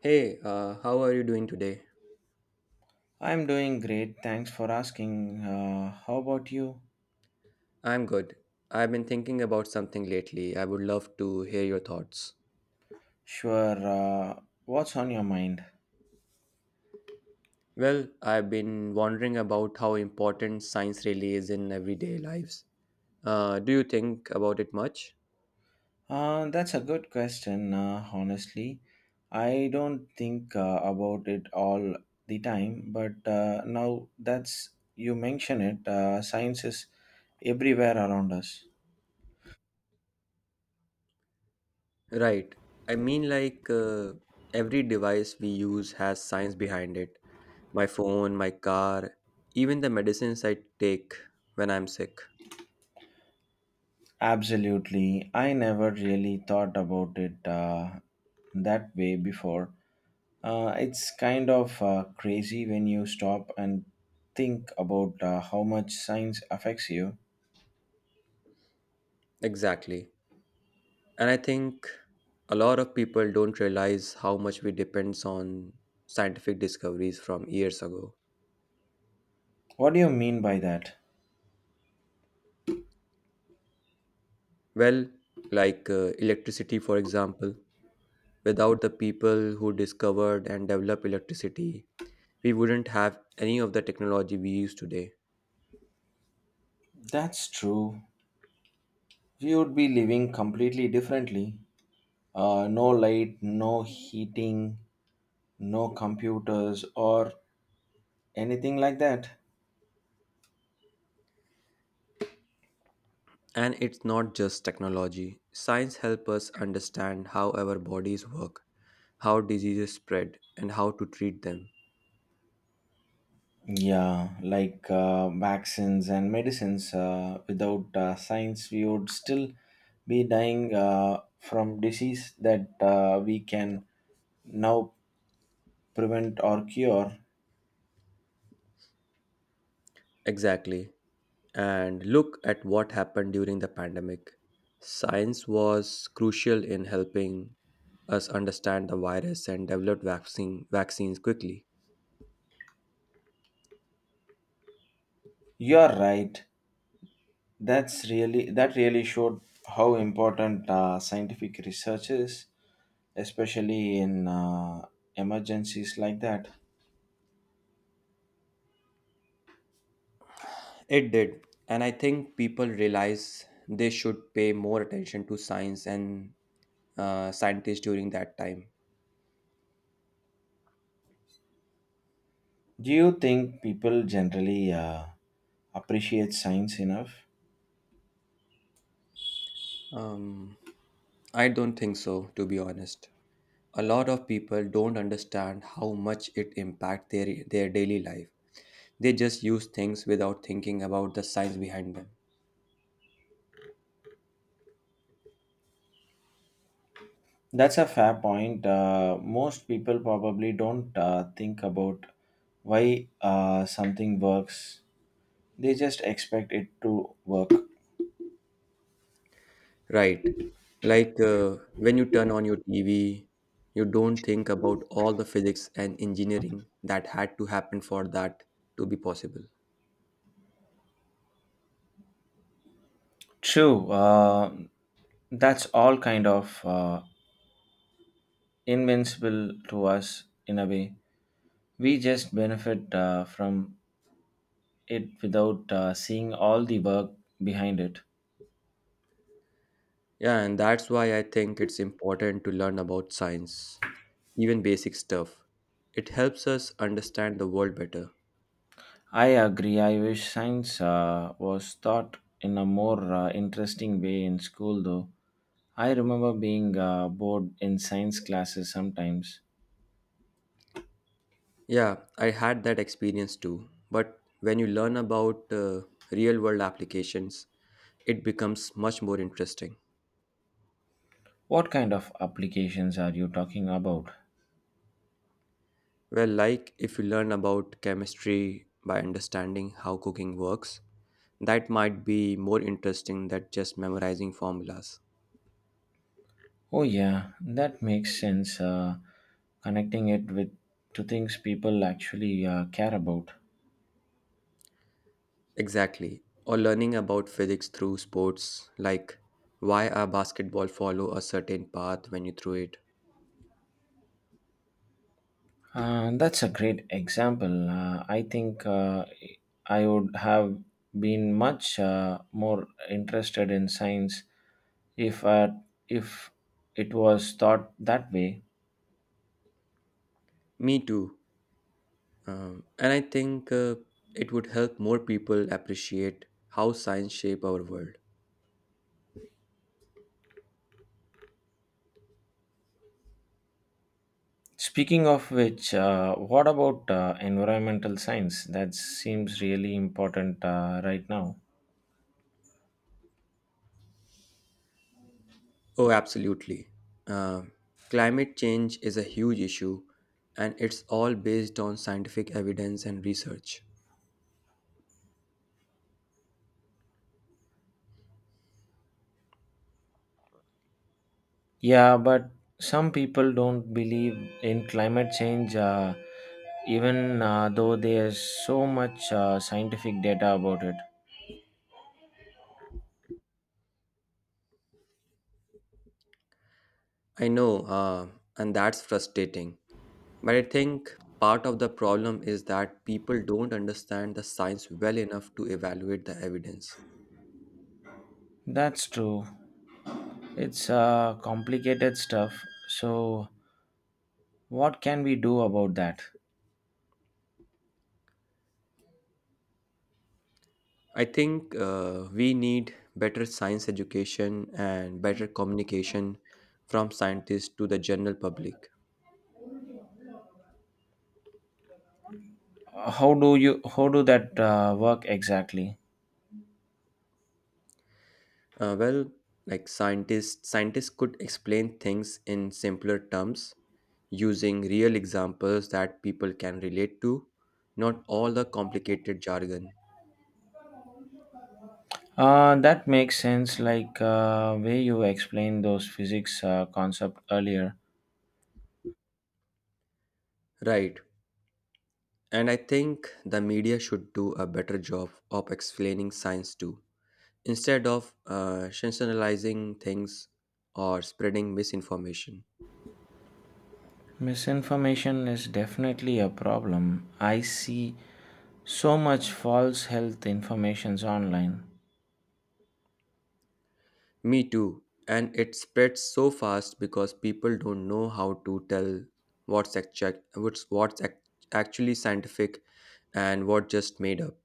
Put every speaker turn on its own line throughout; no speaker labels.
Hey, how are you doing today?
I'm doing great. Thanks for asking. How about you?
I'm good. I've been thinking about something lately. I would love to hear your thoughts.
Sure. What's on your mind?
Well, I've been wondering about how important science really is in everyday lives. Do you think about it much?
That's a good question, honestly. I don't think about it all the time, but now that's you mention it, science is everywhere around us.
Right. I mean, like, every device we use has science behind it. My phone, my car, even the medicines I take when I'm sick.
Absolutely. I never really thought about it that way before. It's kind of crazy when you stop and think about how much science affects you.
Exactly. And I think a lot of people don't realize how much we depends on scientific discoveries from years ago.
What do you mean by that?
Well, like electricity, for example. Without the people who discovered and developed electricity, we wouldn't have any of the technology we use today.
That's true. We would be living completely differently. No light, no heating, no computers, or anything like that.
And it's not just technology. Science helps us understand how our bodies work, how diseases spread, and how to treat them.
Yeah, like vaccines and medicines. Without science, we would still be dying from disease that we can now prevent or cure.
Exactly. And look at what happened during the pandemic. Science was crucial in helping us understand the virus and develop vaccines quickly.
You're right, that's really that really showed how important scientific research is, especially in emergencies like that.
It did. And I think people realize they should pay more attention to science and scientists during that time.
Do you think people generally appreciate science enough?
Um, I don't think so, to be honest. A lot of people don't understand how much it impacts their daily life. They just use things without thinking about the science behind them.
That's a fair point. Most people probably don't think about why something works, they just expect it to work.
Right. Like when you turn on your TV, you don't think about all the physics and engineering that had to happen for that to be possible.
True, that's all kind of invincible to us in a way. We just benefit from it without seeing all the work behind it.
Yeah, and that's why I think it's important to learn about science, even basic stuff. It helps us understand the world better.
I agree. I wish science was taught in a more interesting way in school, though. I remember being bored in science classes sometimes.
Yeah, I had that experience too. But when you learn about real world applications, it becomes much more interesting.
What kind of applications are you talking about?
Well, like if you learn about chemistry by understanding how cooking works, that might be more interesting than just memorizing formulas.
Oh yeah, that makes sense. Connecting it with to things people actually care about.
Exactly. Or learning about physics through sports, like why a basketball follow a certain path when you throw it.
That's a great example. I think I would have been much more interested in science if uh, if it was thought that way.
Me too. And I think it would help more people appreciate how science shape our world.
Speaking of which, what about environmental science? That seems really important right now.
Oh, absolutely. Uh, Climate change is a huge issue, and it's all based on scientific evidence and research.
Yeah, but some people don't believe in climate change, even though there's so much scientific data about it.
I know, and that's frustrating. But I think part of the problem is that people don't understand the science well enough to evaluate the evidence.
That's true. It's complicated stuff. So, what can we do about that?
I think we need better science education and better communication from scientists to the general public.
How do that work exactly?
Well, like scientists could explain things in simpler terms using real examples that people can relate to, not all the complicated jargon.
That makes sense. Like way you explained those physics concept earlier.
Right. And I think the media should do a better job of explaining science too. Instead of sensationalizing things or spreading misinformation.
Misinformation is definitely a problem. I see so much false health informations online.
Me too. And it spreads so fast because people don't know how to tell what's actually what's ac- actually scientific and what just made up.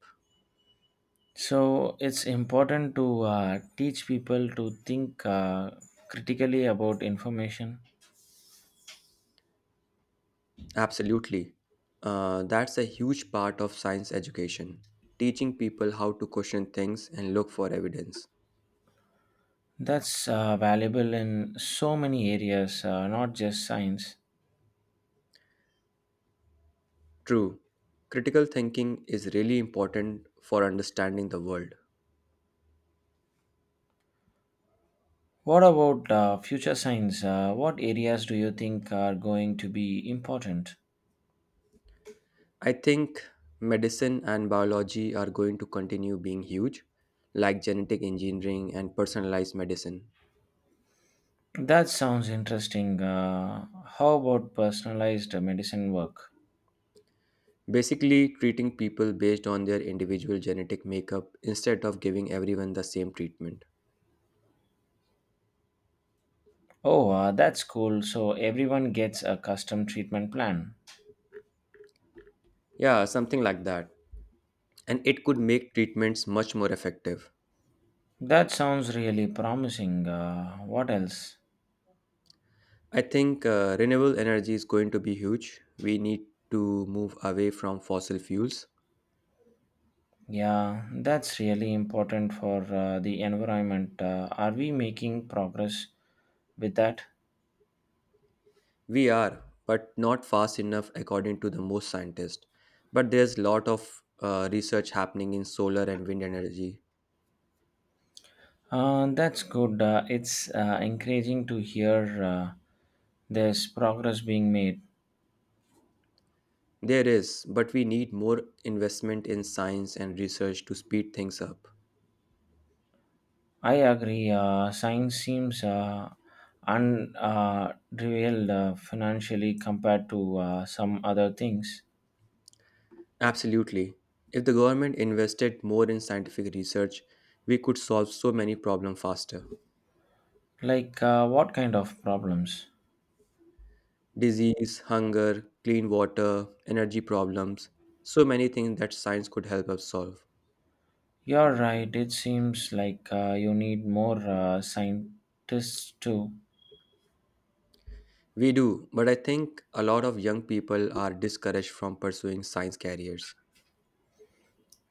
So it's important to teach people to think critically about information.
Absolutely. That's a huge part of science education, teaching people how to question things and look for evidence.
That's valuable in so many areas, not just science.
True. Critical thinking is really important for understanding the world.
What about future science? What areas do you think are going to be important?
I think medicine and biology are going to continue being huge, like genetic engineering and personalized medicine.
That sounds interesting. How about personalized medicine work?
Basically, treating people based on their individual genetic makeup instead of giving everyone the same treatment.
Oh, that's cool. So everyone gets a custom treatment plan?
Yeah, something like that. And it could make treatments much more effective.
That sounds really promising. What else?
I think renewable energy is going to be huge. We need to move away from fossil fuels.
Yeah, that's really important for the environment. Are we making progress with that?
We are, but not fast enough according to the most scientists. But there's a lot of research happening in solar and wind energy.
That's good. It's encouraging to hear there's progress being made.
There is, but we need more investment in science and research to speed things up.
I agree. Science seems unrevealed revealed, financially compared to some other things.
Absolutely. If the government invested more in scientific research, we could solve so many problems faster.
Like, what kind of problems?
Disease, hunger, clean water, energy problems, so many things that science could help us solve.
You're right. It seems like you need more scientists too.
We do, but I think a lot of young people are discouraged from pursuing science careers.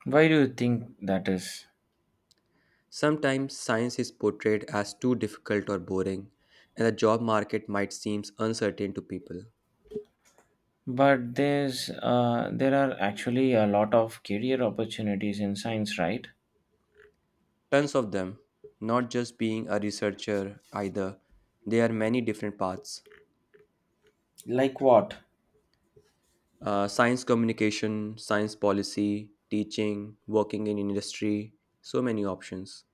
Why do you think that is?
Sometimes science is portrayed as too difficult or boring, and the job market might seem uncertain to people.
But there are actually a lot of career opportunities in science, right?
Tons of them, not just being a researcher either, there are many different paths
Like what?
science communication, science policy, teaching, working in industry, so many options.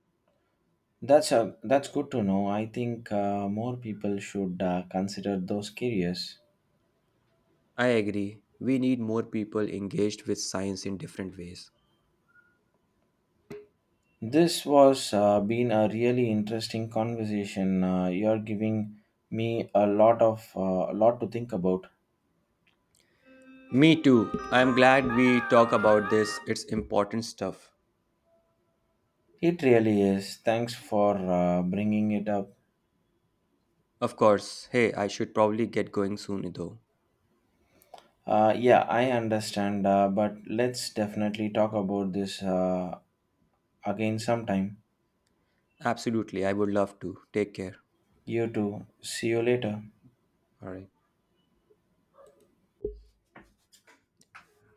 That's good to know. I think more people should consider those careers.
I agree, we need more people engaged with science in different ways.
This was been a really interesting conversation. You're giving me a lot to think about.
Me too. I'm glad we talk about this. It's important stuff.
It really is. Thanks for bringing it up.
Of course. Hey, I should probably get going soon though.
Yeah, I understand, but let's definitely talk about this again sometime.
Absolutely. I would love to. Take care.
You too. See you later.
All right.